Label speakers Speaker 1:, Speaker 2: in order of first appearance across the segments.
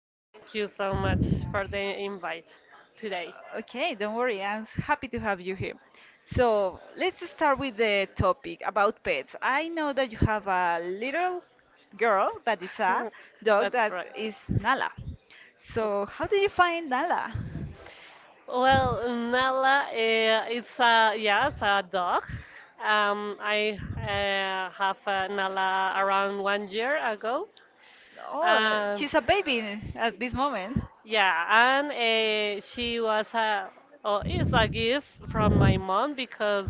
Speaker 1: and thank you so much for the invite today.
Speaker 2: Okay, don't worry. Happy to have you here. So let's start with the topic about pets. I know that you have a little girl that is a dog
Speaker 1: That's
Speaker 2: that
Speaker 1: right.
Speaker 2: is Nala. So how did you find Nala?
Speaker 1: Well, Nala, it's a dog. I have Nala around one year ago.
Speaker 2: Oh,
Speaker 1: Um,
Speaker 2: she's a baby at this moment.
Speaker 1: Yeah, and she was a oh, it's a gift from my mom because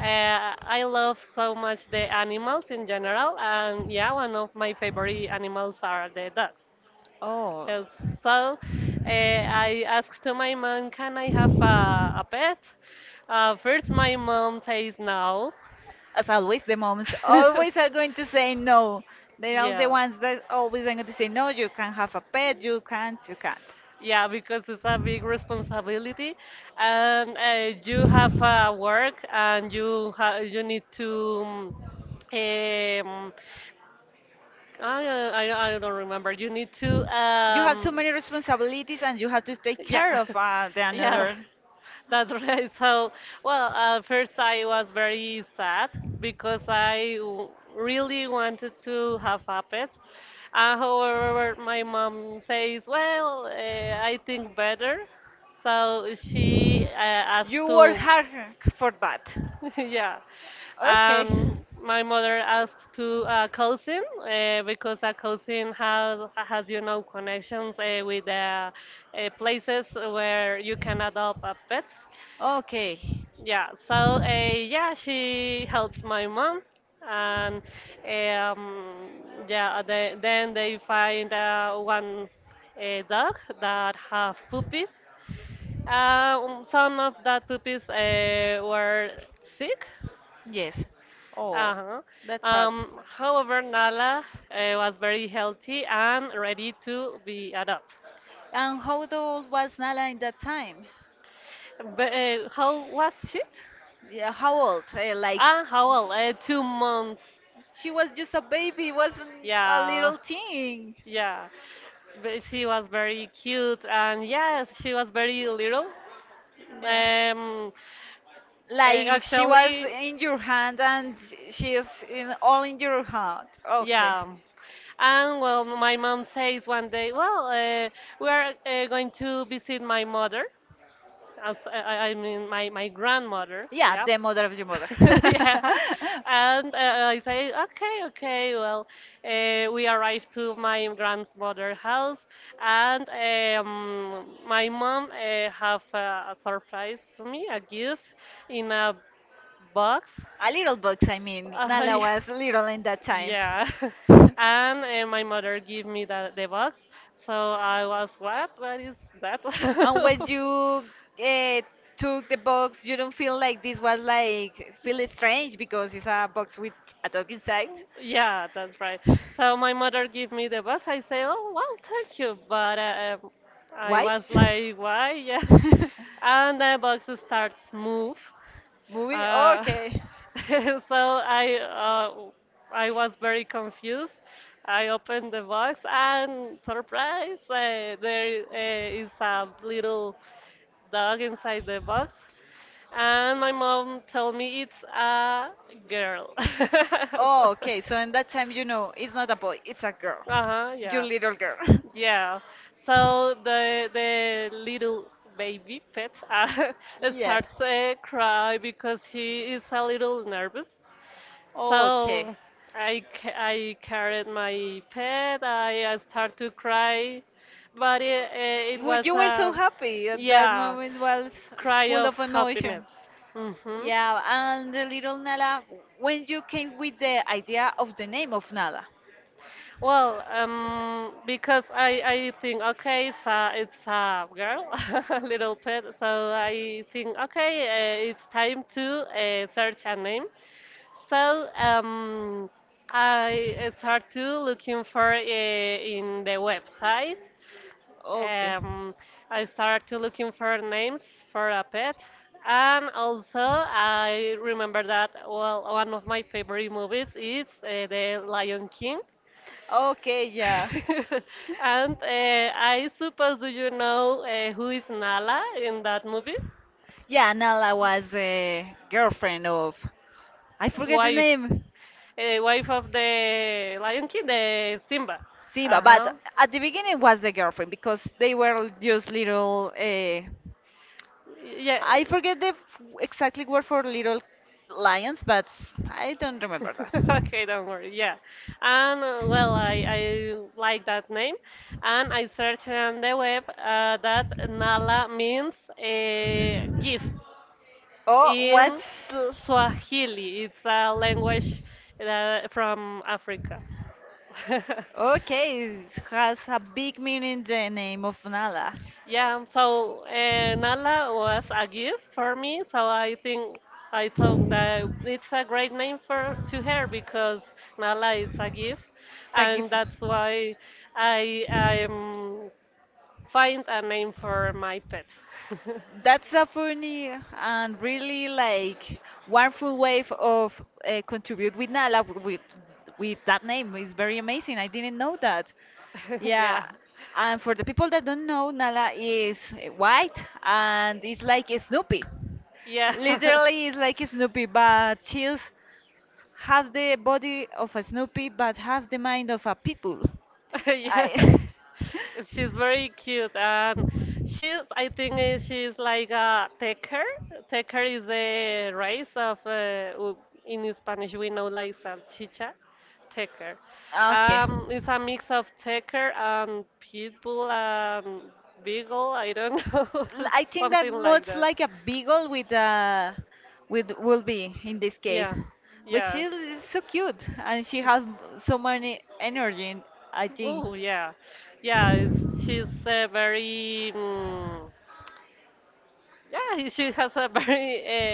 Speaker 1: I love so much the animals in general, and yeah, one of my favorite animals are the dogs.
Speaker 2: Oh.
Speaker 1: Uh, so, I asked to my mom, can I have a pet? First, my mom says no.
Speaker 2: As always, the moms always are going to say no. They are the
Speaker 1: Yeah.
Speaker 2: ones that always are going to say no. You can't have a pet. You can't. You can't.
Speaker 1: Yeah, because it's a big responsibility, and you have work, and you need to. Um, I don't remember. You need to.
Speaker 2: You have too
Speaker 1: Um,
Speaker 2: many responsibilities, and you have to take
Speaker 1: yeah,
Speaker 2: care of the
Speaker 1: yeah.
Speaker 2: another.
Speaker 1: That's right. So, well, at first I was very sad because I really wanted to have a pet. However, my mom says, well, I think better. So she asked
Speaker 2: You work
Speaker 1: to,
Speaker 2: hard for that.
Speaker 1: yeah,
Speaker 2: Okay.
Speaker 1: um, my mother asked to a cousin because a cousin has connections with places where you can adopt a pets.
Speaker 2: Okay.
Speaker 1: Yeah, so yeah, she helps my mom, and yeah, then they find one dog that have puppies. Some of that puppies were sick.
Speaker 2: Yes. Oh,
Speaker 1: Uh-huh.
Speaker 2: that's sad.
Speaker 1: However, Nala was very healthy and ready to be adopted.
Speaker 2: And how old was Nala in that time?
Speaker 1: But how was she?
Speaker 2: Yeah, how old? Like
Speaker 1: Ah, how old? Two months.
Speaker 2: she was just a baby, wasn't a
Speaker 1: Yeah.
Speaker 2: little thing.
Speaker 1: Yeah, but she was very cute, and yes, she was very little.
Speaker 2: Yeah.
Speaker 1: Um, eh,
Speaker 2: Like she was
Speaker 1: actually,
Speaker 2: in your hand and she is in all in your hand. Okay.
Speaker 1: yeah. And well, my mom says one day, well, we are going to visit my mother, I mean, my grandmother.
Speaker 2: Yeah,
Speaker 1: Yeah.
Speaker 2: the mother of your mother.
Speaker 1: Yeah. And I say, okay, okay. Well, we arrived to my grandmother's house, and my mom have a surprise to me, a gift in a box.
Speaker 2: A little box, I mean.
Speaker 1: Uh,
Speaker 2: Nala
Speaker 1: yeah.
Speaker 2: was little in that time.
Speaker 1: Yeah. And my mother gave me the box. So I was, what? What is that?
Speaker 2: When you took the box, you don't feel like this was like feel strange because it's a box with a dog inside.
Speaker 1: Yeah, that's right. So my mother gave me the box. I say, "Oh, wow, thank you," but I
Speaker 2: Why?
Speaker 1: was like, "Why?" Yes, and the box starts
Speaker 2: Moving.
Speaker 1: move. Uh,
Speaker 2: Okay.
Speaker 1: so I was very confused. I opened the box and surprise, there is a little dog inside the box, and my mom told me it's a girl.
Speaker 2: Oh, okay. So in that time, you know, it's not a boy, it's a girl.
Speaker 1: Uh-huh,
Speaker 2: Your
Speaker 1: yeah.
Speaker 2: yeah, little girl. yeah.
Speaker 1: Yeah. So the little baby pet
Speaker 2: Yes.
Speaker 1: starts cry because she is a little nervous.
Speaker 2: So, okay.
Speaker 1: So I carried my pet. I start to cry, but it was
Speaker 2: You were so
Speaker 1: a,
Speaker 2: happy. At that
Speaker 1: yeah.
Speaker 2: moment was
Speaker 1: Cry
Speaker 2: full
Speaker 1: of
Speaker 2: of
Speaker 1: happiness.
Speaker 2: emotion.
Speaker 1: hmm
Speaker 2: Yeah, and the little Nala, when you came with the idea of the name of Nala.
Speaker 1: Well, because I think okay, it's a girl, little pet. So I think okay, it's time to search a name. So I start to looking for in the website,
Speaker 2: Okay.
Speaker 1: um, I started to looking for names for a pet, and also I remember that well, one of my favorite movies is The Lion King.
Speaker 2: Okay, yeah.
Speaker 1: And I suppose, do you know who is Nala in that movie?
Speaker 2: Yeah, Nala was the girlfriend of, I forget the
Speaker 1: Wife,
Speaker 2: name.
Speaker 1: wife, of the Lion King, the Simba.
Speaker 2: Simba,
Speaker 1: Uh-huh.
Speaker 2: but at the beginning was the girlfriend because they were just little.
Speaker 1: Yeah.
Speaker 2: I forget the f- exactly word for little lions, but I don't remember that.
Speaker 1: Okay, don't worry. Yeah. And well, I like that name. And I searched on the web that Nala means a gift
Speaker 2: Oh, what's
Speaker 1: in
Speaker 2: l-
Speaker 1: Swahili. It's a language that, from Africa.
Speaker 2: okay? It has a big meaning. The name of Nala.
Speaker 1: Yeah, so Nala was a gift for me, so I thought that it's a great name for to her because Nala is a gift,
Speaker 2: It's a
Speaker 1: and
Speaker 2: gift.
Speaker 1: that's why I find a name for my pet.
Speaker 2: That's a funny and really like wonderful way of contribute with Nala with that name. It's very amazing. I didn't know that.
Speaker 1: Yeah,
Speaker 2: Yeah. And for the people that don't know, Nala is white and it's like Snoopy.
Speaker 1: yeah.
Speaker 2: Literally, it's like Snoopy, but she's have the body of a Snoopy, but have the mind of a pit bull.
Speaker 1: Yeah.
Speaker 2: I
Speaker 1: She's very cute, and she's I think, she's like a tecker. Tecker is a race of in Spanish we know like salchicha, tecker.
Speaker 2: okay.
Speaker 1: It's a mix of tecker and pit bull and beagle, I don't know,
Speaker 2: I think that
Speaker 1: something like
Speaker 2: much
Speaker 1: that.
Speaker 2: like a beagle with a with will be in this case.
Speaker 1: Yeah,
Speaker 2: But she
Speaker 1: yeah.
Speaker 2: is so cute and she has so many energy, I think.
Speaker 1: Oh, yeah, yeah. She's very. Yeah, she has a very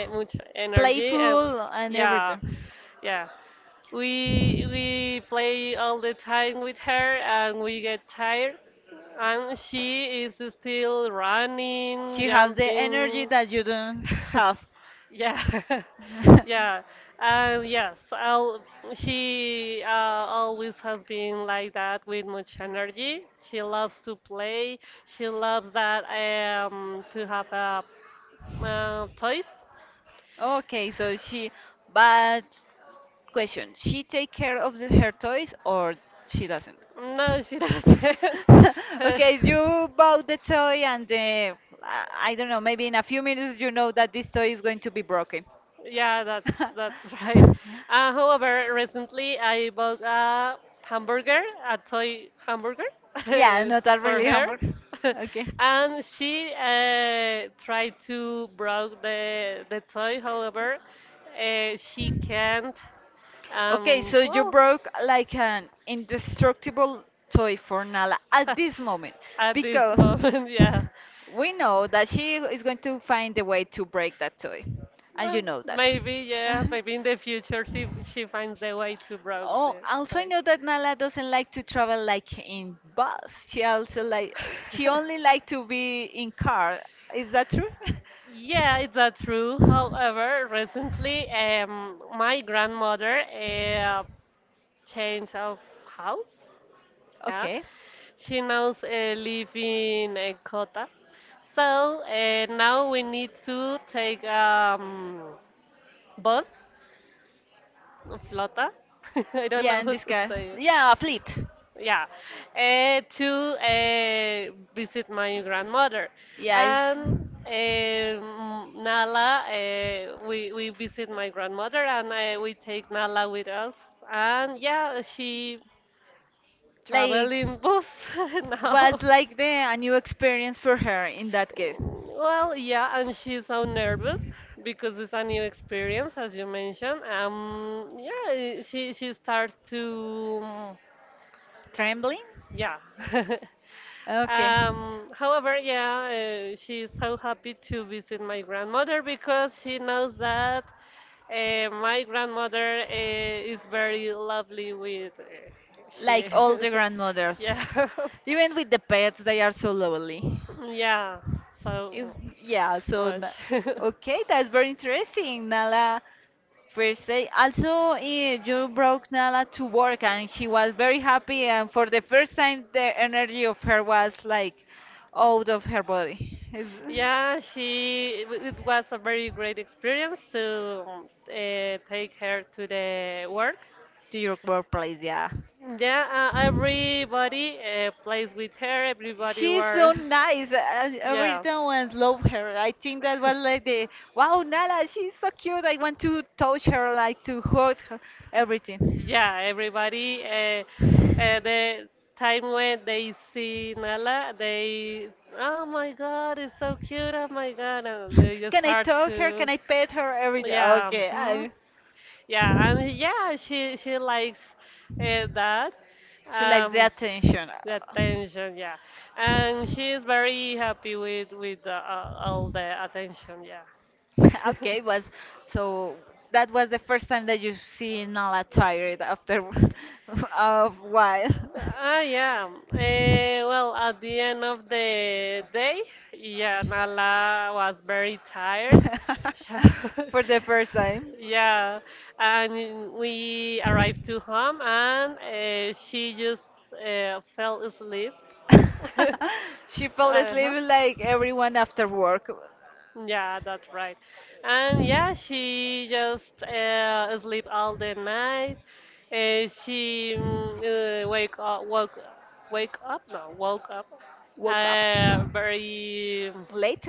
Speaker 1: much energy, and
Speaker 2: Playful and yeah,
Speaker 1: yeah,
Speaker 2: everything.
Speaker 1: yeah. We play all the time with her and we get tired and she is still running,
Speaker 2: She has the energy
Speaker 1: jumping.
Speaker 2: that you don't have.
Speaker 1: Yeah. Yeah. And yes, she always has been like that with much energy. She loves to play. She loves that to have a toys.
Speaker 2: Okay, so she, but question: She take care of the, her toys or she doesn't?
Speaker 1: No, she doesn't.
Speaker 2: Okay, you bought the toy and I don't know. Maybe in a few minutes you know that this toy is going to be broken.
Speaker 1: Yeah, that's that's right. However, recently I bought a hamburger, a toy hamburger
Speaker 2: Yeah, not that
Speaker 1: for
Speaker 2: really
Speaker 1: her,
Speaker 2: hamburger. Okay.
Speaker 1: and she tried to broke the toy. However, she can't.
Speaker 2: Okay,
Speaker 1: Um,
Speaker 2: so you
Speaker 1: well,
Speaker 2: broke like an indestructible toy for Nala at this moment
Speaker 1: at this
Speaker 2: because
Speaker 1: moment, yeah.
Speaker 2: we know that she is going to find a way to break that toy, and you
Speaker 1: Well,
Speaker 2: know that.
Speaker 1: maybe, yeah. Maybe in the future she finds the
Speaker 2: rob
Speaker 1: way to broke
Speaker 2: Oh,
Speaker 1: the
Speaker 2: also I
Speaker 1: tie.
Speaker 2: know that Nala doesn't like to travel like in bus. She also like, she only like to be in car. Is that true?
Speaker 1: Yeah, it's that true. However, recently, my grandmother changed of house. Yeah,
Speaker 2: Okay.
Speaker 1: she now live in Kota. So now we need to take bus. Flota? I don't
Speaker 2: Yeah,
Speaker 1: know
Speaker 2: and
Speaker 1: how
Speaker 2: this
Speaker 1: to
Speaker 2: guy.
Speaker 1: say it.
Speaker 2: Yeah, a fleet.
Speaker 1: Yeah, to visit my grandmother.
Speaker 2: Yeah, it's.
Speaker 1: And Nala, we visit my grandmother, and we take Nala with us. And yeah, she travel
Speaker 2: Like,
Speaker 1: in bus now.
Speaker 2: was like the a new experience for her in that case.
Speaker 1: Well, yeah, and she's so nervous because it's a new experience, as you mentioned. Yeah, she starts to,
Speaker 2: Trembling?
Speaker 1: yeah.
Speaker 2: Okay.
Speaker 1: However, yeah, she's so happy to visit my grandmother because she knows that my grandmother is very lovely with she.
Speaker 2: Like all the grandmothers.
Speaker 1: Yeah,
Speaker 2: Even with the pets, they are so lovely.
Speaker 1: yeah, so
Speaker 2: If- Yeah, so
Speaker 1: much.
Speaker 2: n- okay, that's very interesting. Nala first day. Also, eh, you brought Nala to work and she was very happy and for the first time the energy of her was like out of her body. Is-
Speaker 1: Yeah, it was a very great experience to take her to the work.
Speaker 2: to your workplace, yeah.
Speaker 1: Yeah, everybody plays with her. Everybody
Speaker 2: She's so
Speaker 1: were,
Speaker 2: nice. I,
Speaker 1: yeah.
Speaker 2: everyone love her. I think that was like the wow, Nala, she's so cute. I want to touch her, like to hug her, everything.
Speaker 1: Yeah, everybody. The time when they see Nala, oh my God, it's so cute. Oh my God, and they just
Speaker 2: Can I
Speaker 1: start
Speaker 2: touch her? Can
Speaker 1: to,
Speaker 2: I pet her? Everything.
Speaker 1: yeah,
Speaker 2: Okay,
Speaker 1: mhm.
Speaker 2: I,
Speaker 1: Yeah, and yeah, she likes uh, that,
Speaker 2: she likes the
Speaker 1: um,
Speaker 2: attention.
Speaker 1: the attention, yeah, and she is very happy with all the attention, yeah.
Speaker 2: Okay, was so that was the first time that you see Nala tired after of while.
Speaker 1: Ah, yeah. Well, at the end of the day, yeah, Nala was very tired.
Speaker 2: For the first time.
Speaker 1: Yeah, and we arrived to home, and she just fell asleep.
Speaker 2: She fell asleep
Speaker 1: Uh-huh.
Speaker 2: like everyone after work.
Speaker 1: Yeah, that's right. And yeah, she just sleep all the night. She wake up, no, woke up
Speaker 2: Woke up
Speaker 1: very
Speaker 2: late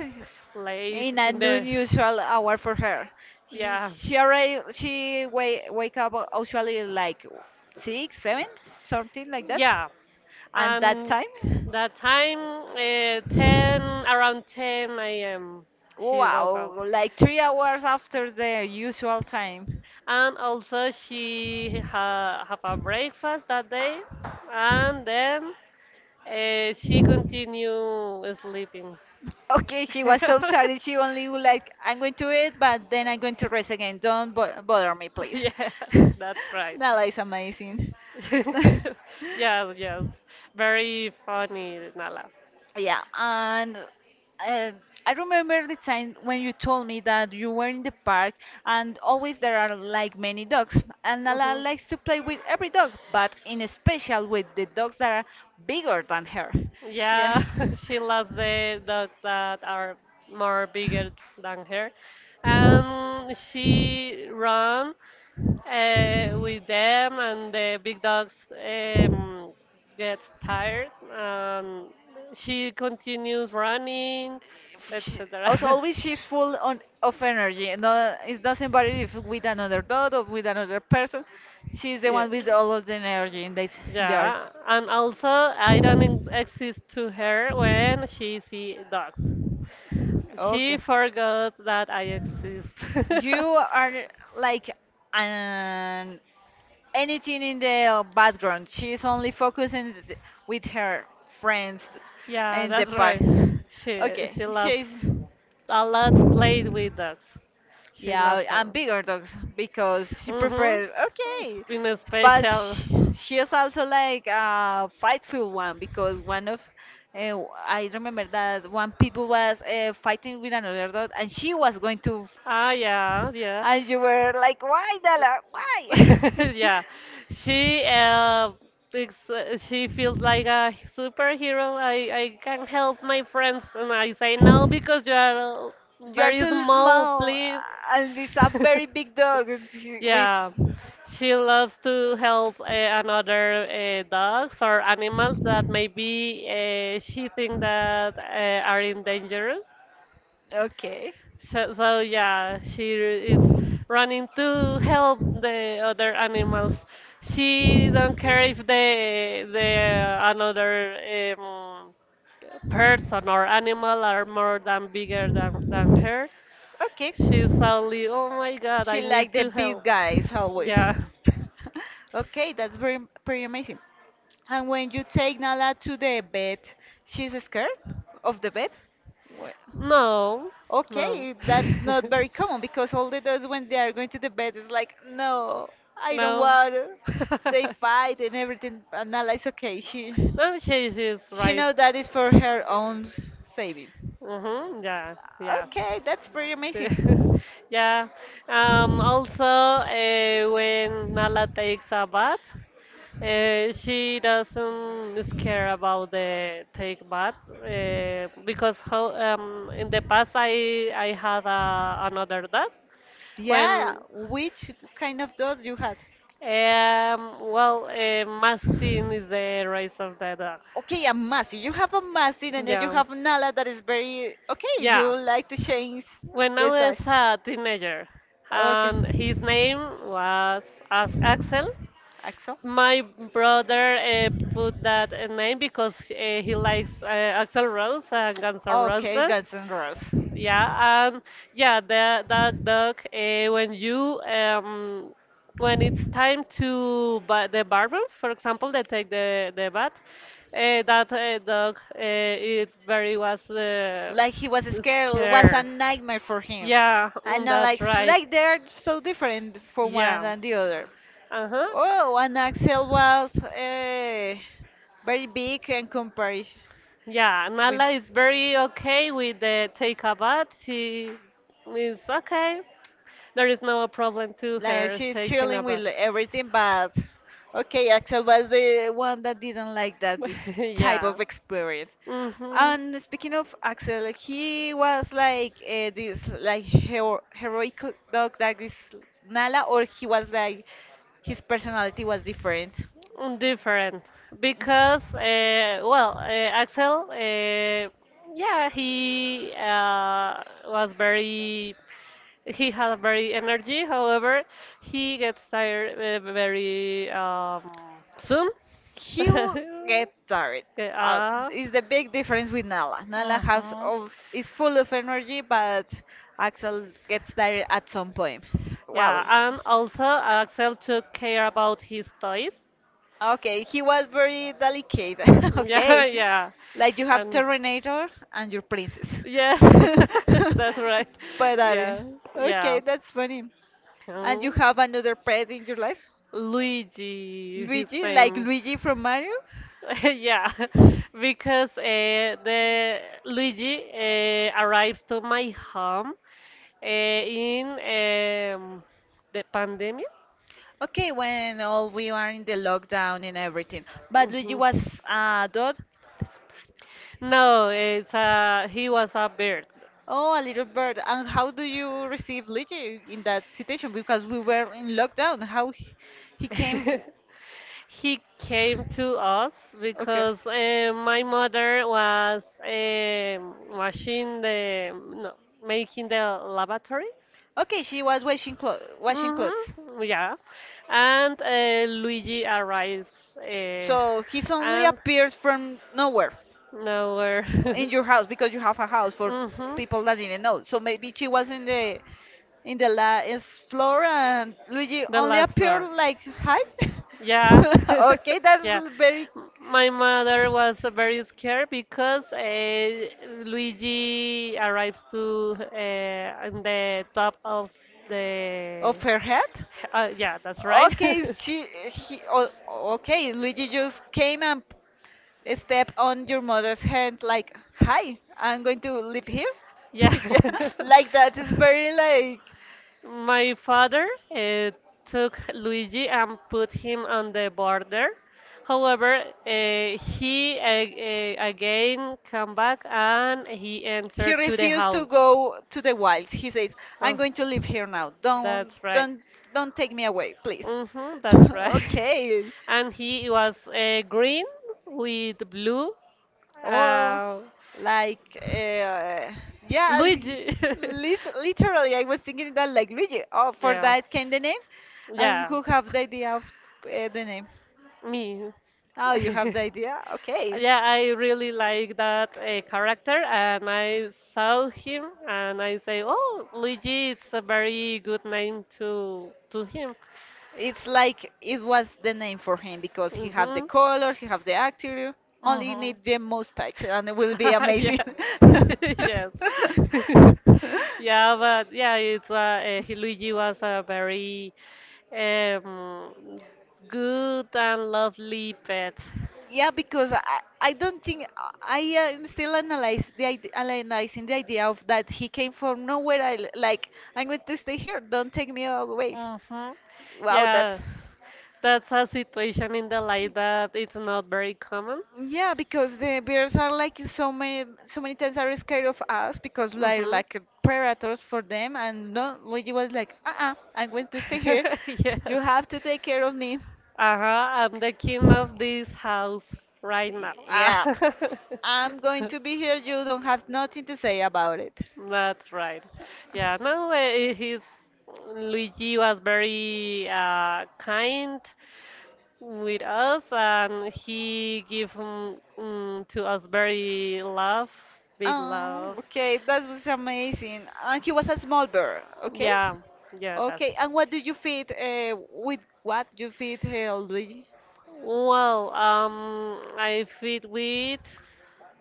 Speaker 1: late,
Speaker 2: in
Speaker 1: in
Speaker 2: an
Speaker 1: the
Speaker 2: unusual hour for her. She,
Speaker 1: yeah,
Speaker 2: she already wake up usually like six, seven, something like that.
Speaker 1: yeah.
Speaker 2: And that
Speaker 1: And
Speaker 2: time.
Speaker 1: that time, around 10 a.m., she woke up.
Speaker 2: Wow, like 3 hours after the usual time.
Speaker 1: And also she ha have a breakfast that day, and then she continue sleeping.
Speaker 2: Okay, she was so tired. She only would like, I'm going to eat, but then I'm going to rest again. Don't bo- bother me, please.
Speaker 1: Yeah, that's right.
Speaker 2: Nala is amazing.
Speaker 1: Yes, yes, very funny, Nala.
Speaker 2: Yeah, and I remember the time when you told me that you were in the park and always there are like many dogs. And Nala
Speaker 1: Mhm.
Speaker 2: likes to play with every dog, but in especial with the dogs that are bigger than her. Yeah.
Speaker 1: Yeah, she loves the dogs that are more bigger than her. She run with them, and the big dogs gets tired, and she continues running,
Speaker 2: Eh, she- also,
Speaker 1: etc.
Speaker 2: always she's full on, of energy. And no, it doesn't matter if with another dog or with another person. She's the
Speaker 1: Yeah.
Speaker 2: one with all of the energy in the art.
Speaker 1: Yeah, and also I don't exist to her when she see dogs.
Speaker 2: Okay.
Speaker 1: She forgot that I exist.
Speaker 2: You are like an anything in the background. She's only focusing with her friends
Speaker 1: Yeah,
Speaker 2: in the
Speaker 1: that's
Speaker 2: park.
Speaker 1: right. She
Speaker 2: Okay,
Speaker 1: she loves
Speaker 2: she's
Speaker 1: a lot played with dogs. She
Speaker 2: yeah,
Speaker 1: loves a
Speaker 2: and
Speaker 1: lot.
Speaker 2: bigger dogs because she
Speaker 1: Mm-hmm.
Speaker 2: prefers okay,
Speaker 1: In a
Speaker 2: but
Speaker 1: special.
Speaker 2: she, she's also like a fightful one because one of uh, I remember that one people was fighting with another dog and she was going to,
Speaker 1: Ah, yeah, yeah.
Speaker 2: and you were like, why, Dala? Why?
Speaker 1: Yeah, she uh, she feels like a superhero. I can help my friends, and I say no because you are
Speaker 2: You are
Speaker 1: very
Speaker 2: so
Speaker 1: small,
Speaker 2: small,
Speaker 1: please.
Speaker 2: and this a very big dog and she- with.
Speaker 1: Yeah, she loves to help another dogs or animals that maybe she think that are endangered.
Speaker 2: Okay,
Speaker 1: So, yeah, she is running to help the other animals. She don't care if the another um, person or animal are more than bigger than her.
Speaker 2: okay.
Speaker 1: She's only, oh my God, I
Speaker 2: She like
Speaker 1: need
Speaker 2: the
Speaker 1: to
Speaker 2: big
Speaker 1: help.
Speaker 2: guys always.
Speaker 1: Yeah.
Speaker 2: Okay, that's very pretty amazing. And when you take Nala to the bed, she's scared of the bed.
Speaker 1: No, no.
Speaker 2: Okay, that's not very common because all the dogs, when they are going to the bed, is like, no, I don't
Speaker 1: No.
Speaker 2: want to. They fight and everything. And Nala is okay.
Speaker 1: No, she is
Speaker 2: She
Speaker 1: right.
Speaker 2: know that is for her own savings.
Speaker 1: Mm-hmm, yeah, yeah.
Speaker 2: Okay, that's pretty
Speaker 1: Sí.
Speaker 2: amazing.
Speaker 1: Yeah. Also, when Nala takes a bath, she doesn't care about the take bath because how, in the past I had another dog when,
Speaker 2: Yeah, which kind of dogs you had?
Speaker 1: well, Mastin is the race of the dog.
Speaker 2: Okay, a Mastin. You have a Mastin and then you
Speaker 1: Yeah.
Speaker 2: have Nala that is very okay.
Speaker 1: Yeah.
Speaker 2: You like to change
Speaker 1: When I
Speaker 2: the
Speaker 1: was
Speaker 2: size.
Speaker 1: a teenager,
Speaker 2: Okay.
Speaker 1: and his name was Axel.
Speaker 2: Axel?
Speaker 1: My brother put that name because he likes Axel Rose and Guns N'
Speaker 2: Okay,
Speaker 1: Roses.
Speaker 2: Guns N' Roses.
Speaker 1: Yeah, and yeah, that dog when it's time to buy the bathroom, for example, they take the bath. That dog it very was
Speaker 2: Like he was scared, was a
Speaker 1: scared.
Speaker 2: nightmare for him.
Speaker 1: Yeah,
Speaker 2: And I
Speaker 1: that's
Speaker 2: like, it's
Speaker 1: right.
Speaker 2: like they're so different for one
Speaker 1: Yeah.
Speaker 2: and the other.
Speaker 1: Uh-huh.
Speaker 2: Oh, and Axel was very big in comparison
Speaker 1: Yeah,
Speaker 2: with.
Speaker 1: Nala is very okay with the take a bath. She is okay. There is no problem to
Speaker 2: Like
Speaker 1: her
Speaker 2: she's
Speaker 1: taking a
Speaker 2: chilling
Speaker 1: bath.
Speaker 2: with everything, but okay, Axel was the one that didn't like that this type
Speaker 1: Yeah.
Speaker 2: of experience.
Speaker 1: Mm-hmm.
Speaker 2: And speaking of Axel, he was like this like hero heroic dog like this Nala, or he was like his personality was different.
Speaker 1: Different because well, Axel, yeah, he was very, he had very energy. However, he gets tired very soon.
Speaker 2: He w- get tired.
Speaker 1: Okay.
Speaker 2: Uh, is the big difference with Nala. Nala has
Speaker 1: Mhm.
Speaker 2: of is full of energy, but Axel gets tired at some point.
Speaker 1: Yeah,
Speaker 2: Wow.
Speaker 1: and also Axel took care about his toys.
Speaker 2: Okay, he was very delicate.
Speaker 1: Yeah,
Speaker 2: Okay.
Speaker 1: yeah.
Speaker 2: Like you have
Speaker 1: And
Speaker 2: Terminator and your princess.
Speaker 1: yes, that's right.
Speaker 2: But that is
Speaker 1: Yeah, yeah.
Speaker 2: okay, that's funny. And you
Speaker 1: Um,
Speaker 2: have another pet in your life?
Speaker 1: Luigi, his
Speaker 2: Luigi, like
Speaker 1: name.
Speaker 2: Luigi from Mario?
Speaker 1: Yeah, because the Luigi arrives to my home in the pandemic.
Speaker 2: Okay, when all we are in the lockdown and everything. But Luigi
Speaker 1: Mhm.
Speaker 2: was a dog.
Speaker 1: No, it's he was a bird.
Speaker 2: Oh, a little bird. And how do you receive Luigi in that situation? Because we were in lockdown. How he came?
Speaker 1: He came to us because my mother was washing the no, making the lavatory.
Speaker 2: Okay, she was washing clothes.
Speaker 1: Mm-hmm. Yeah, and Luigi arrives uh,
Speaker 2: So he suddenly
Speaker 1: and
Speaker 2: appears from nowhere
Speaker 1: nowhere.
Speaker 2: in your house because you have a house for
Speaker 1: Mm-hmm.
Speaker 2: people that didn't know. So maybe she was in the last floor and Luigi
Speaker 1: The
Speaker 2: only
Speaker 1: last
Speaker 2: appeared
Speaker 1: floor.
Speaker 2: like hi.
Speaker 1: Yeah,
Speaker 2: Okay, that's
Speaker 1: yeah.
Speaker 2: very
Speaker 1: My mother was very scared because Luigi arrives to on the top of the.
Speaker 2: off her head.
Speaker 1: Yeah, that's right.
Speaker 2: Okay, she, he, okay, Luigi just came and step on your mother's hand like, "Hi, I'm going to live here."
Speaker 1: yeah.
Speaker 2: Yeah, like that is very like
Speaker 1: My father uh, took Luigi and put him on the border. However, he again came back and he
Speaker 2: he
Speaker 1: entered to the
Speaker 2: refused to
Speaker 1: house.
Speaker 2: go to the wilds. He says, "I'm
Speaker 1: Oh,
Speaker 2: going to live here now.
Speaker 1: that's right.
Speaker 2: Don't take me away, please."
Speaker 1: Mm-hmm, that's right.
Speaker 2: Okay.
Speaker 1: And he was green with blue.
Speaker 2: Or
Speaker 1: Uh,
Speaker 2: like yeah
Speaker 1: Luigi.
Speaker 2: literally I was thinking that like Luigi, oh, for
Speaker 1: Yeah.
Speaker 2: that came the name and
Speaker 1: Yeah.
Speaker 2: who have the idea of the name,
Speaker 1: Me.
Speaker 2: oh you have the idea okay.
Speaker 1: Yeah, I really like that character, and I saw him, and I say, "Oh, Luigi, it's a very good name to him."
Speaker 2: It's like it was the name for him because he have the
Speaker 1: Mm-hmm.
Speaker 2: colors, he have the actor, only need the
Speaker 1: Mm-hmm.
Speaker 2: mustache and it will be
Speaker 1: yeah.
Speaker 2: amazing.
Speaker 1: yes. yeah, but yeah, Luigi was a very um, good and lovely pet.
Speaker 2: Yeah, because I don't think I am still analyzing the idea of that he came from nowhere. Like I'm going to stay here. Don't take me away.
Speaker 1: Mm-hmm.
Speaker 2: Wow,
Speaker 1: Yeah.
Speaker 2: that's
Speaker 1: That's a situation in the life that it's not very common.
Speaker 2: yeah, because the bears are like so many so many times are scared of us because we're
Speaker 1: Mm-hmm.
Speaker 2: like predators for them and no Luigi was like, uh-uh, I'm going to stay here.
Speaker 1: Yes.
Speaker 2: You have to take care of me.
Speaker 1: Uh-huh, I'm the
Speaker 2: Y-
Speaker 1: king of this house right now.
Speaker 2: Yeah.
Speaker 1: Ah.
Speaker 2: I'm going to be here, you don't have nothing to say about it.
Speaker 1: That's right. Yeah, no, eh, he's Luigi was very kind with us and he give to us very love, big
Speaker 2: Oh,
Speaker 1: love.
Speaker 2: okay, that was amazing. And he was a small bird, okay?
Speaker 1: Yeah, yeah, that's.
Speaker 2: Okay, and what do you feed? With what you feed Luigi?
Speaker 1: Well, I feed with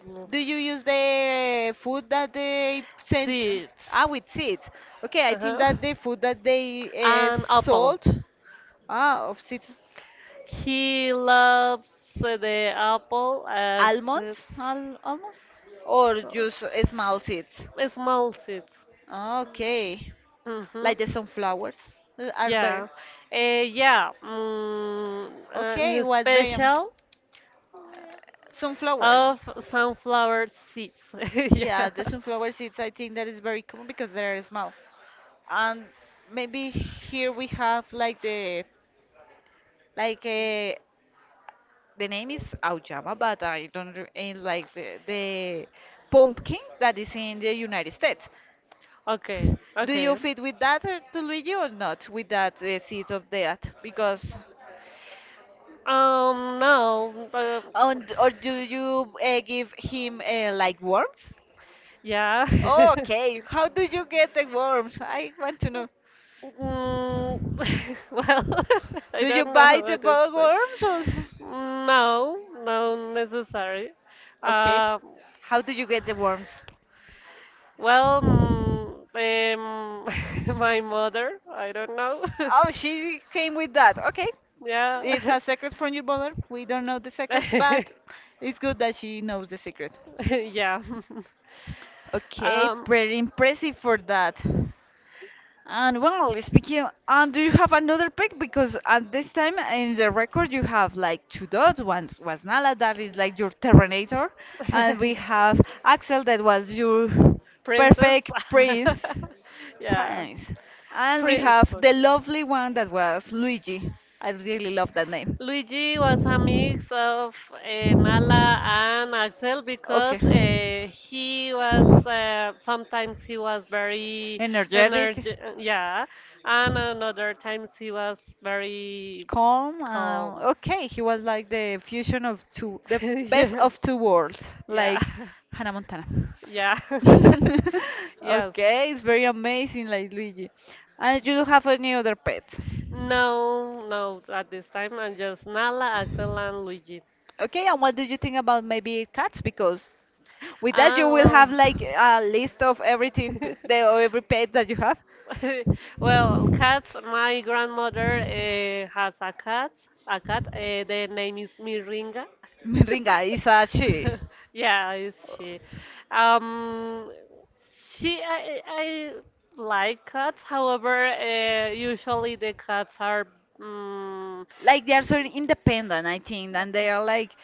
Speaker 1: mm,
Speaker 2: Do you use the food that they sent?
Speaker 1: seeds.
Speaker 2: Ah, with seeds. Okay, I think
Speaker 1: Uh-huh.
Speaker 2: that the food that they
Speaker 1: An apple.
Speaker 2: sold, ah, of seeds,
Speaker 1: He loves the apple as it's
Speaker 2: almonds, al almonds, or just small seeds.
Speaker 1: a small seeds.
Speaker 2: Okay,
Speaker 1: Mm-hmm.
Speaker 2: like the sunflowers are better.
Speaker 1: Yeah, yeah.
Speaker 2: Okay,
Speaker 1: In
Speaker 2: what's very
Speaker 1: special
Speaker 2: sunflower.
Speaker 1: of sunflower seeds. Yeah.
Speaker 2: Yeah, the sunflower seeds I think that is very common because they are small. And maybe here we have like the name is auyama, but I don't re- eh, like the pumpkin that is in the United States.
Speaker 1: Okay.
Speaker 2: Do you
Speaker 1: Okay.
Speaker 2: fit with that, to Luigi, or not with that seed of that? Because,
Speaker 1: No. But
Speaker 2: and, or do you give him like worms?
Speaker 1: yeah.
Speaker 2: Okay, how do you get the worms? I want to know.
Speaker 1: Mm, well, I
Speaker 2: Do you
Speaker 1: don't know
Speaker 2: buy the
Speaker 1: what is it.
Speaker 2: worms or? S-
Speaker 1: No, no necessary.
Speaker 2: Okay.
Speaker 1: Um,
Speaker 2: How do you get the worms?
Speaker 1: well, my mother, I don't know.
Speaker 2: Oh, she came with that. Okay. It's
Speaker 1: Yeah.
Speaker 2: a secret from your mother. We don't know the secret, but it's good that she knows the secret.
Speaker 1: Yeah.
Speaker 2: Okay,
Speaker 1: Um,
Speaker 2: pretty impressive for that. And well, speaking, and do you have another pick? Because at this time in the record you have like two dots. One was Nala, that is like your Terminator, and we have Axel, that was your
Speaker 1: princess.
Speaker 2: perfect
Speaker 1: Yeah.
Speaker 2: prince, and we
Speaker 1: Prince.
Speaker 2: have the lovely one that was Luigi. I really love that name.
Speaker 1: Luigi was a mix of Nala and Axel
Speaker 2: Okay.
Speaker 1: because he was sometimes he was very
Speaker 2: Energetic.
Speaker 1: energetic, yeah, and another times he was very
Speaker 2: Calm.
Speaker 1: calm.
Speaker 2: Okay, he was like the fusion of two, the best
Speaker 1: Yes,
Speaker 2: of two worlds,
Speaker 1: yeah,
Speaker 2: like Hannah Montana.
Speaker 1: yeah, yes.
Speaker 2: Okay, it's very amazing, like Luigi. And you don't have any other pets?
Speaker 1: No, no, at this time I'm just Nala, Axel, and Luigi.
Speaker 2: Okay, and what do you think about maybe cats? Because with that
Speaker 1: Ah,
Speaker 2: you will have
Speaker 1: well.
Speaker 2: like a list of everything, p- the every pet that you have.
Speaker 1: Well, cats. My grandmother has a cat. A cat. The name is Miringa.
Speaker 2: Ringa is a she.
Speaker 1: Yeah, it's she. Um, she. I like cats. However, usually the cats are. Mm,
Speaker 2: Like they are so independent, I think, and they are like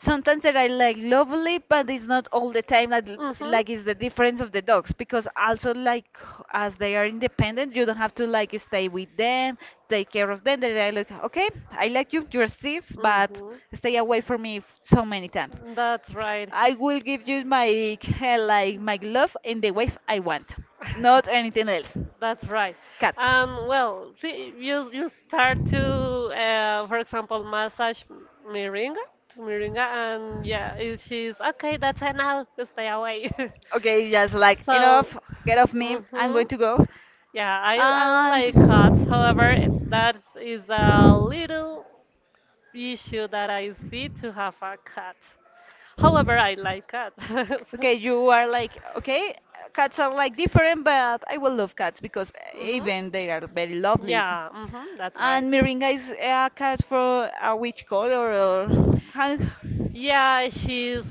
Speaker 2: sometimes they are like lovely, but it's not all the time.
Speaker 1: mhm.
Speaker 2: Like it's the difference of the dogs because also like as they are independent, you don't have to like stay with them, take care of them. They are like, okay, I like you, you're sis, but
Speaker 1: Mhm.
Speaker 2: stay away from me so many times.
Speaker 1: That's right.
Speaker 2: I will give you my like my love in the way I want, not anything else.
Speaker 1: That's right.
Speaker 2: Cats.
Speaker 1: Well, see, you start to, for example, to Moringa, and yeah, if she's okay, that's enough. Stay away.
Speaker 2: Okay, just like enough,
Speaker 1: so,
Speaker 2: get off me. I'm
Speaker 1: mhm.
Speaker 2: going to go.
Speaker 1: Yeah, I
Speaker 2: And
Speaker 1: like cats. However, that is a little issue that I see to have a cat. However, I like cats.
Speaker 2: okay, you are like, okay, cats are like different, but I will love cats because
Speaker 1: hmm.
Speaker 2: even they are very lovely.
Speaker 1: Yeah, mhm, that's right.
Speaker 2: And Miringa is a cat for a which color or can-
Speaker 1: Yeah, she's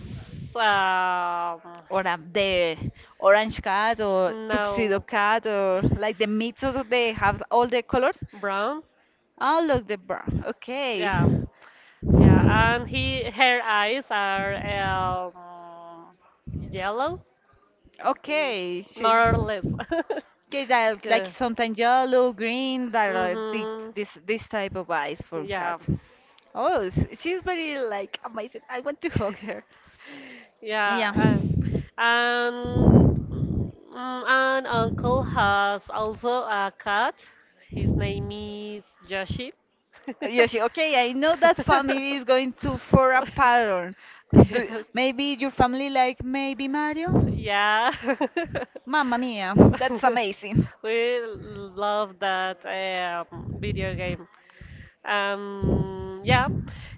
Speaker 1: um
Speaker 2: or a, the orange cat or tuxedo
Speaker 1: no
Speaker 2: cat or like the mix of they have all the colors.
Speaker 1: brown.
Speaker 2: Oh look the brown. Okay.
Speaker 1: Yeah, yeah, and he her eyes are um yellow, mm,
Speaker 2: Okay, she's
Speaker 1: more or less.
Speaker 2: okay, that like
Speaker 1: yeah.
Speaker 2: sometimes yellow, green, that are
Speaker 1: Mhm.
Speaker 2: this type of eyes for
Speaker 1: Yeah.
Speaker 2: cats. Oh, s- she's very like amazing. I want to hug her. Yeah.
Speaker 1: Yeah, and an uncle has also a cat. His name is Yoshi. Yoshi,
Speaker 2: Yeah, she, okay, I know that family is going to for a pattern. Do, maybe your family like maybe Mario?
Speaker 1: Yes. Yeah.
Speaker 2: Mamma mia, that's amazing.
Speaker 1: We love that video game. Yeah,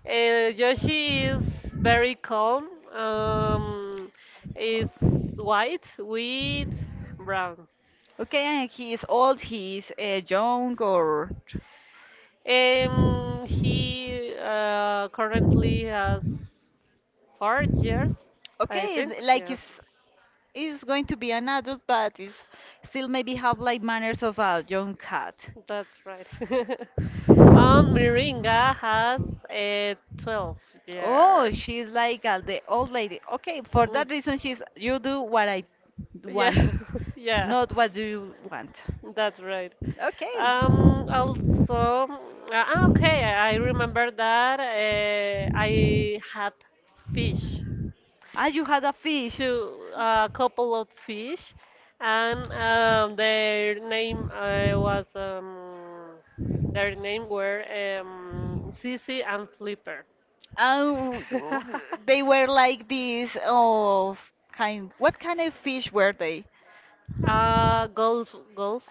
Speaker 1: uh, Yoshi is very calm. Um, is white with brown.
Speaker 2: Okay, and he is old, he is young or
Speaker 1: He currently has 4 years, I
Speaker 2: okay,
Speaker 1: think.
Speaker 2: th- like
Speaker 1: Yes,
Speaker 2: it's is going to be an adult, but is still maybe have like manners of a young cat.
Speaker 1: that's right. Miringa has 12
Speaker 2: Oh,
Speaker 1: years.
Speaker 2: she's like the old lady. Okay, for
Speaker 1: Mm,
Speaker 2: that reason, she's you do what I want,
Speaker 1: yeah, yeah,
Speaker 2: not what do you want.
Speaker 1: that's right.
Speaker 2: Okay.
Speaker 1: Also, uh, okay, I remember that I had fish,
Speaker 2: Ah, you had a fish.
Speaker 1: two, a couple of fish, and their name were Sissy and Flipper.
Speaker 2: Oh, they were like these of kind. What kind of fish were they?
Speaker 1: Golf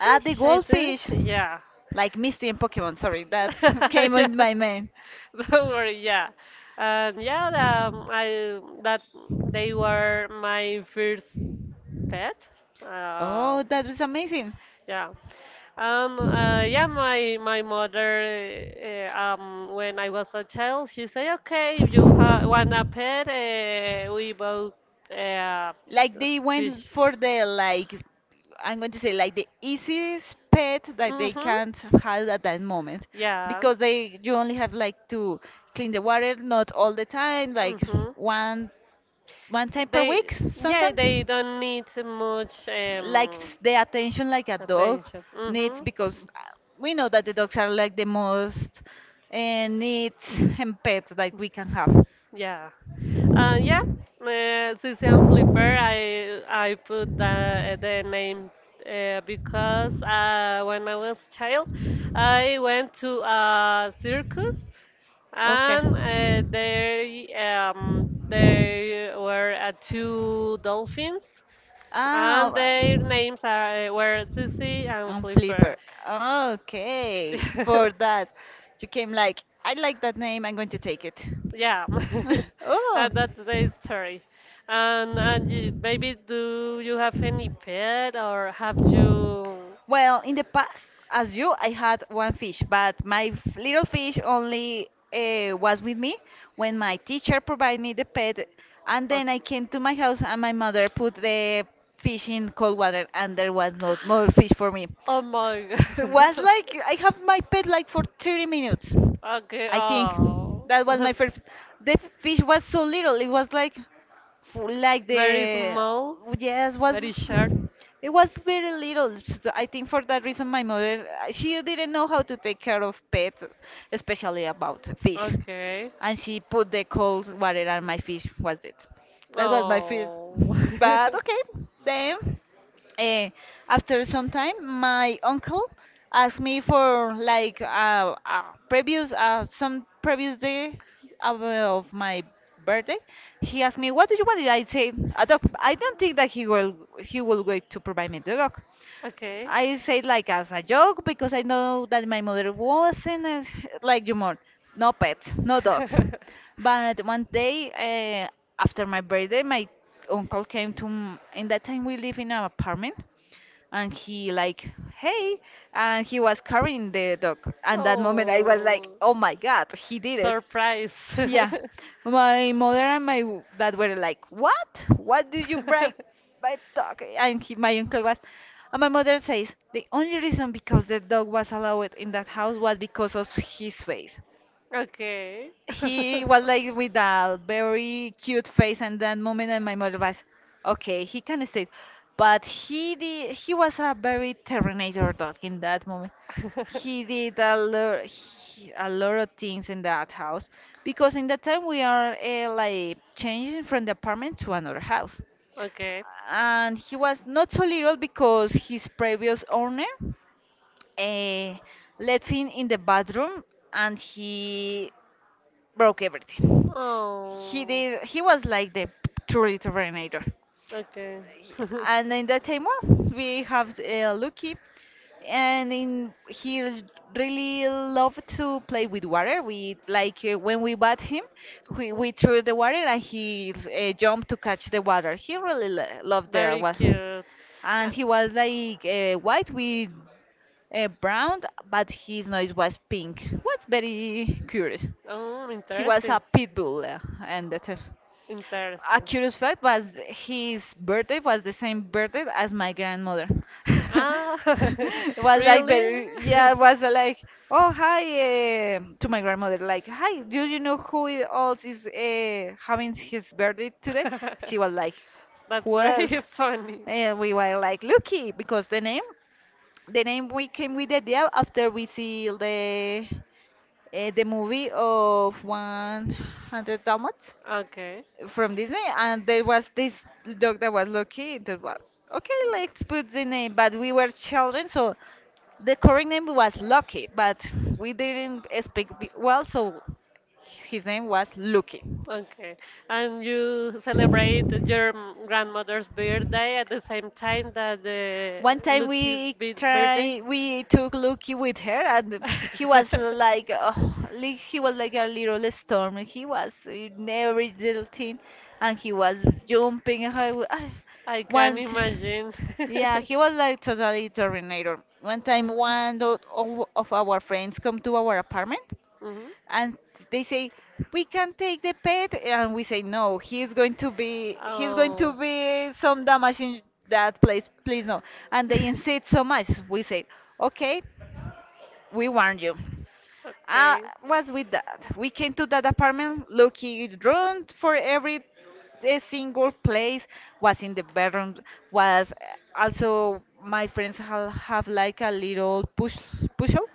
Speaker 2: Ah, the
Speaker 1: I think.
Speaker 2: goldfish.
Speaker 1: Yeah.
Speaker 2: Like Misty and Pokemon. Sorry, that came
Speaker 1: yeah.
Speaker 2: in my mind.
Speaker 1: Don't worry, yeah. And yeah, I that they were my first pet. Uh,
Speaker 2: Oh, that was amazing.
Speaker 1: yeah. Yeah, my mother, when I was a child, she said, okay, if you ha want a pet, we bought uh,
Speaker 2: Like they went
Speaker 1: fish.
Speaker 2: for the like I'm going to say like the easiest pet that they
Speaker 1: Mm-hmm.
Speaker 2: can't have at that moment
Speaker 1: Yeah.
Speaker 2: because they you only have like to clean the water not all the time like
Speaker 1: Mm-hmm.
Speaker 2: one one time per
Speaker 1: They,
Speaker 2: week
Speaker 1: yeah, they
Speaker 2: sometimes
Speaker 1: don't need much
Speaker 2: like s- the attention like a dog
Speaker 1: attention.
Speaker 2: needs
Speaker 1: Mm-hmm.
Speaker 2: because we know that the dogs are like the most neat and pets that we can have.
Speaker 1: Yeah. Yeah. Sicilian Flipper. I put the name because when I was child, I went to a circus
Speaker 2: Okay.
Speaker 1: and there there were two dolphins
Speaker 2: Ah,
Speaker 1: and their
Speaker 2: wow.
Speaker 1: names are were Sissy and
Speaker 2: On
Speaker 1: Flipper.
Speaker 2: Flipper. Okay, for that, you came like, I like that name, I'm going to take it.
Speaker 1: yeah, and that's the story. And you, maybe do you have any
Speaker 2: Oh.
Speaker 1: pet or have you?
Speaker 2: Well, in the past, as you, I had one fish, but my f- little fish only was with me when my teacher provided me the pet, and then I
Speaker 1: Okay.
Speaker 2: came to my house and my mother put the fish in cold water, and there was not more fish for me.
Speaker 1: Oh my
Speaker 2: It was
Speaker 1: god.
Speaker 2: like I have my pet like for 30 minutes.
Speaker 1: Okay.
Speaker 2: I think
Speaker 1: Oh.
Speaker 2: that was my first. The fish was so little. It was like for like
Speaker 1: Very
Speaker 2: the
Speaker 1: small,
Speaker 2: yes was
Speaker 1: very short.
Speaker 2: it was very little, so I think for that reason my mother she didn't know how to take care of pets, especially about fish,
Speaker 1: Okay.
Speaker 2: and she put the cold water on my fish was it. That was my first,
Speaker 1: Oh.
Speaker 2: but okay, then Eh, after some time, my uncle asked me for like previous some previous day of my birthday. He asked me, "What do you want?" I say, "A dog." I don't think that he will wait to provide me the dog.
Speaker 1: okay.
Speaker 2: I say like as a joke because I know that my mother wasn't as, like you more, no pets, no dogs. But one day after my birthday, my uncle came to m- in that time we live in an apartment and he like hey, and he was carrying the dog and that moment I was like, oh
Speaker 1: oh.
Speaker 2: my god, he did it.
Speaker 1: Surprise.
Speaker 2: Yeah, my mother and my w- dad were like what did you break my dog, and he, my uncle was and my mother says the only reason because the dog was allowed in that house was because of his face.
Speaker 1: Okay.
Speaker 2: He was like with a very cute face and that moment and my mother was okay he can stay, but he did, he was a very terminator dog in that moment. He did a lot he- A lot of things in that house because in that time we are like changing from the apartment to another house,
Speaker 1: Okay.
Speaker 2: and he was not so little because his previous owner uh, left him in the bathroom and he broke everything. He
Speaker 1: Oh.
Speaker 2: did. He was like the truly Terminator.
Speaker 1: Okay.
Speaker 2: He- And in that time, well, we have Lucky, and in, he l- really loved to play with water. We like when we bat him, we
Speaker 1: Mhm.
Speaker 2: threw the water and he jumped to catch the water. He really loved the
Speaker 1: Very
Speaker 2: water,
Speaker 1: cute.
Speaker 2: and he was like white with brown, but his nose was pink. What's very curious.
Speaker 1: Oh,
Speaker 2: He was
Speaker 1: interesting.
Speaker 2: a pit bull, and that, a
Speaker 1: Interesting.
Speaker 2: curious fact was his birthday was the same birthday as my grandmother.
Speaker 1: Ah,
Speaker 2: It was like
Speaker 1: really?
Speaker 2: very, yeah, it was like, oh hi, to my grandmother, like hi, do you know who I- else is having his birthday today? She was like,
Speaker 1: That's
Speaker 2: who else?
Speaker 1: very funny.
Speaker 2: And we were like lucky because the name we came with the idea after we see the movie of 100 Dalmats
Speaker 1: Okay,
Speaker 2: from Disney, and there was this dog that was lucky. That was okay. Let's put the name, but we were children, so the correct name was Lucky, but we didn't speak b- well, so his name was Lucky.
Speaker 1: okay. And you celebrate your grandmother's birthday at the same time that the
Speaker 2: One time we
Speaker 1: Birthday?
Speaker 2: try we took Lucky with her and he was like oh, li- he was like a little storm. He was in every little thing and he was jumping. And I, w- I
Speaker 1: I can
Speaker 2: want
Speaker 1: imagine.
Speaker 2: yeah, he was like totally Terminator. One time, one o- of our friends come to our apartment,
Speaker 1: Mhm.
Speaker 2: and they say we can take the pet and we say no, he's going to be he's going to
Speaker 1: Oh,
Speaker 2: be some damage in that place, please no, and they insist so much we say okay, we warn you, uh,
Speaker 1: okay,
Speaker 2: what's with that we came to that apartment looking around for every a single place was in the bedroom was also my friends have like a little push puzzle,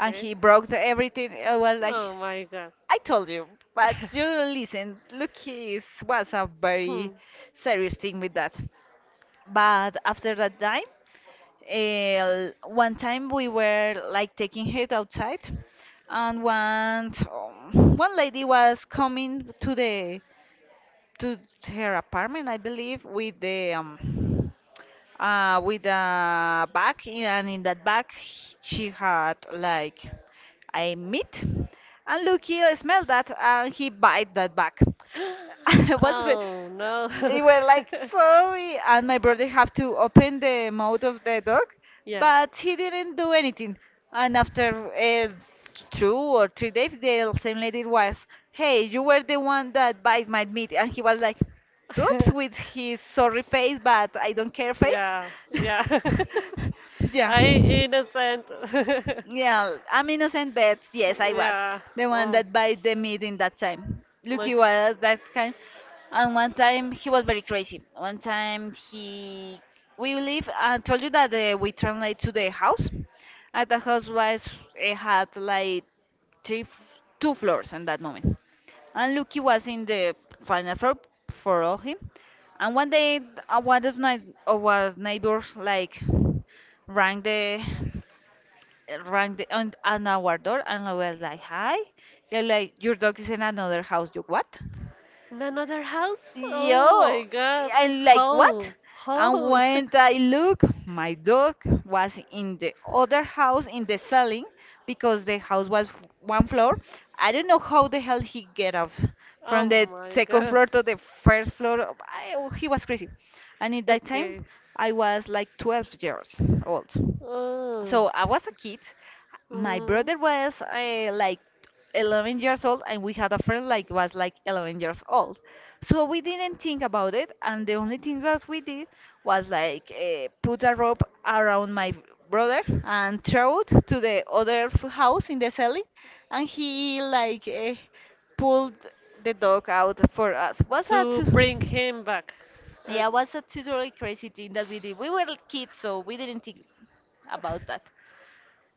Speaker 2: and he broke the everything. I was like,
Speaker 1: Oh my God.
Speaker 2: I told you, but you don't listen. Look, he was a very
Speaker 1: Hmm.
Speaker 2: serious thing with that. But after that time, one time we were like taking her outside, and one lady was coming to the to her apartment, I believe, with the with a bag, and in that bag she had like a meat. And Lucky smelled that, and he bite that bag. It was ve-
Speaker 1: Oh no.
Speaker 2: they were like sorry, and my brother have to open the mouth of the dog,
Speaker 1: Yeah.
Speaker 2: but he didn't do anything. And after two or three days, the same lady was, "Hey, you were the one that bite my meat," and he was like, "Oops," with his sorry face, but I don't care face.
Speaker 1: yeah, yeah.
Speaker 2: Yeah.
Speaker 1: I innocent.
Speaker 2: Yeah, I'm innocent bets. Yes, I was
Speaker 1: yeah.
Speaker 2: the one
Speaker 1: Oh,
Speaker 2: that bite the meat in that time.
Speaker 1: look.
Speaker 2: Lucky was that kind. And one time he was very crazy. One time he, we live. I told you that we translate to the house. At the house was it had like three, f- two floors in that moment. And Lucky was in the final floor for all him. And one day, one of my our neighbors like rang the rang on our door, and I was like, hi. They're like, your dog is in another house. You what?
Speaker 1: In another house? Oh my
Speaker 2: Yo,
Speaker 1: god.
Speaker 2: and like what?
Speaker 1: How?
Speaker 2: And
Speaker 1: How?
Speaker 2: when I look, my dog was in the other house in the ceiling because the house was one floor. I don't know how the hell he get off
Speaker 1: oh
Speaker 2: from the
Speaker 1: my
Speaker 2: second
Speaker 1: god.
Speaker 2: floor to the first floor. He was crazy. And in that
Speaker 1: Okay.
Speaker 2: time, I was like 12 years old.
Speaker 1: Oh.
Speaker 2: So I was a kid. My brother
Speaker 1: Hmm.
Speaker 2: was like 11 years old, and we had a friend like was like 11 years old, so we didn't think about it, and the only thing that we did was like put a rope around my brother and throw it to the other house in the cellar, and he like pulled the dog out for us. Was a
Speaker 1: To
Speaker 2: too
Speaker 1: bring him back. O-
Speaker 2: Yeah, was a totally crazy thing that we did. We were kids, so we didn't think about that.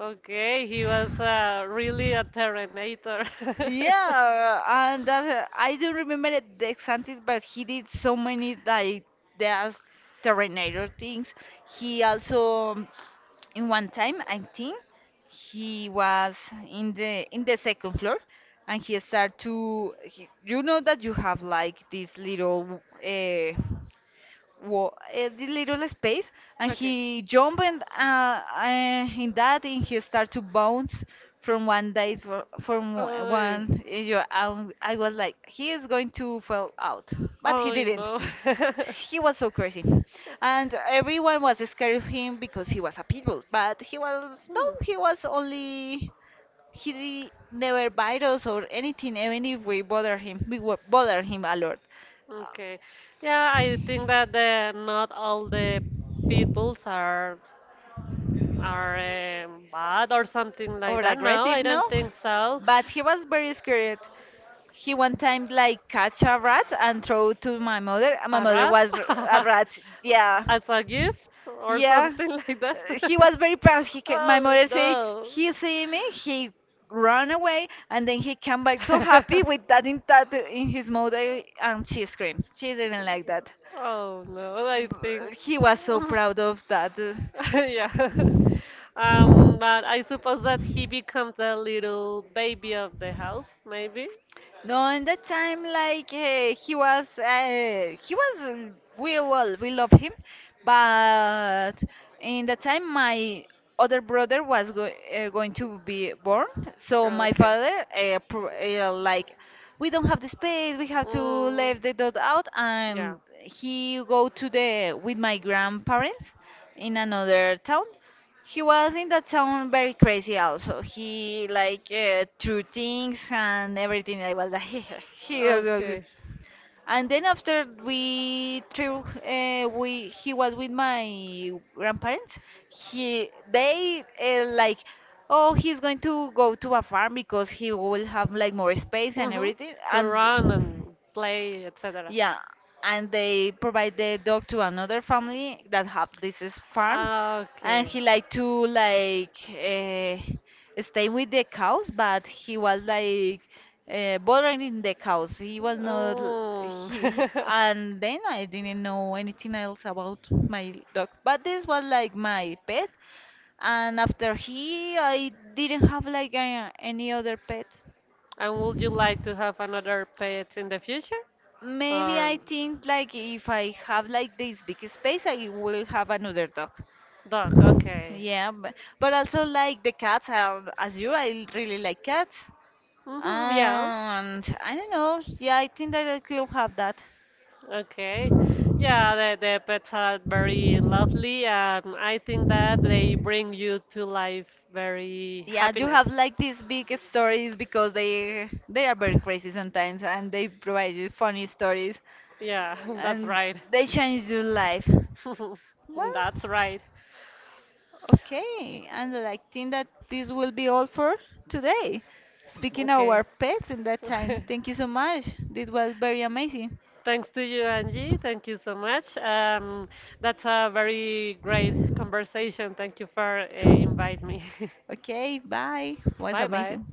Speaker 1: Okay, he was really a Terminator.
Speaker 2: Yeah, and that, I don't remember the examples, but he did so many like there's Terminator things. He also, in one time I think, he was in the second floor, and he started to you know that you have like this little uh, this little space, and
Speaker 1: okay.
Speaker 2: he jumped, in that, and he started to bounce from one day for, from o-
Speaker 1: I,
Speaker 2: one you- I was like, he is going to fall out, but he
Speaker 1: I
Speaker 2: didn't.
Speaker 1: know.
Speaker 2: He was so crazy, and everyone was scared of him because he was a pit bull, but he was no
Speaker 1: Hmm.
Speaker 2: he was only he never bite us or anything, even if we bother him, bother him a lot.
Speaker 1: Okay. Yeah, I think that the, not all the peoples are bad or something like
Speaker 2: Or
Speaker 1: that. No, I
Speaker 2: aggressive, no?
Speaker 1: don't think so.
Speaker 2: But he was very scared. He one time like catch a rat and throw to my mother, and my
Speaker 1: A
Speaker 2: mother
Speaker 1: rat?
Speaker 2: was a rat. Yeah,
Speaker 1: As a gift or
Speaker 2: yeah.
Speaker 1: something like that?
Speaker 2: He was very proud. He ca My
Speaker 1: Oh
Speaker 2: mother say
Speaker 1: no.
Speaker 2: he see me, he run away, and then he come back so happy with that in his mouth, and she screams. She didn't like that.
Speaker 1: Oh no, I think.
Speaker 2: He was so proud of that.
Speaker 1: Yeah. But I suppose that he becomes the little baby of the house, maybe?
Speaker 2: No, in that time, like he was, he was. We well, we love him, but in that time, my other brother was go going to be born. So my
Speaker 1: Okay.
Speaker 2: father, uh, pro uh, like, we don't have the space. We have to
Speaker 1: Mm,
Speaker 2: leave the dog out,
Speaker 1: yeah.
Speaker 2: and he go to the with my grandparents in another town. He was in that town very crazy also. He like threw things and everything. I was like, he was really.
Speaker 1: Okay.
Speaker 2: And then after we threw, we he was with my grandparents. He they like, oh, he's going to go to a farm because he will have like more space and
Speaker 1: Mm-hmm.
Speaker 2: everything.
Speaker 1: To
Speaker 2: And
Speaker 1: run and play, etc.
Speaker 2: yeah, and they provide the dog to another family that have this is farm, and
Speaker 1: Okay.
Speaker 2: he like to like. Stay with the cows, but he was like bothering the cows. He was not l-
Speaker 1: Mm.
Speaker 2: he- And then I didn't know anything else about my dog. But this was like my pet, and I didn't have like any other pet.
Speaker 1: And would you like to have another pet in the future?
Speaker 2: Maybe I
Speaker 1: Or
Speaker 2: think like if I have like this big space, I will have another dog.
Speaker 1: Dog, okay.
Speaker 2: Yeah, but also like the cats. As you, I really like cats.
Speaker 1: Mm-hmm, yeah.
Speaker 2: And I don't know. Yeah, I think that I could have that.
Speaker 1: Okay. Yeah, the pets are very lovely, and I think that they bring you to life very
Speaker 2: Yeah, you
Speaker 1: happiness.
Speaker 2: have like these big stories because they are very crazy sometimes, and they provide you funny stories,
Speaker 1: Yeah, that's
Speaker 2: and
Speaker 1: right.
Speaker 2: they change your life. Well,
Speaker 1: That's right.
Speaker 2: okay, and I think that this will be all for today. Speaking of
Speaker 1: Okay.
Speaker 2: our pets in that time, thank you so much. This was very amazing.
Speaker 1: Thanks to you, Angie. Thank you so much. That's a very great conversation. Thank you for inviting me.
Speaker 2: Okay, bye. Was
Speaker 1: Bye bye.
Speaker 2: amazing.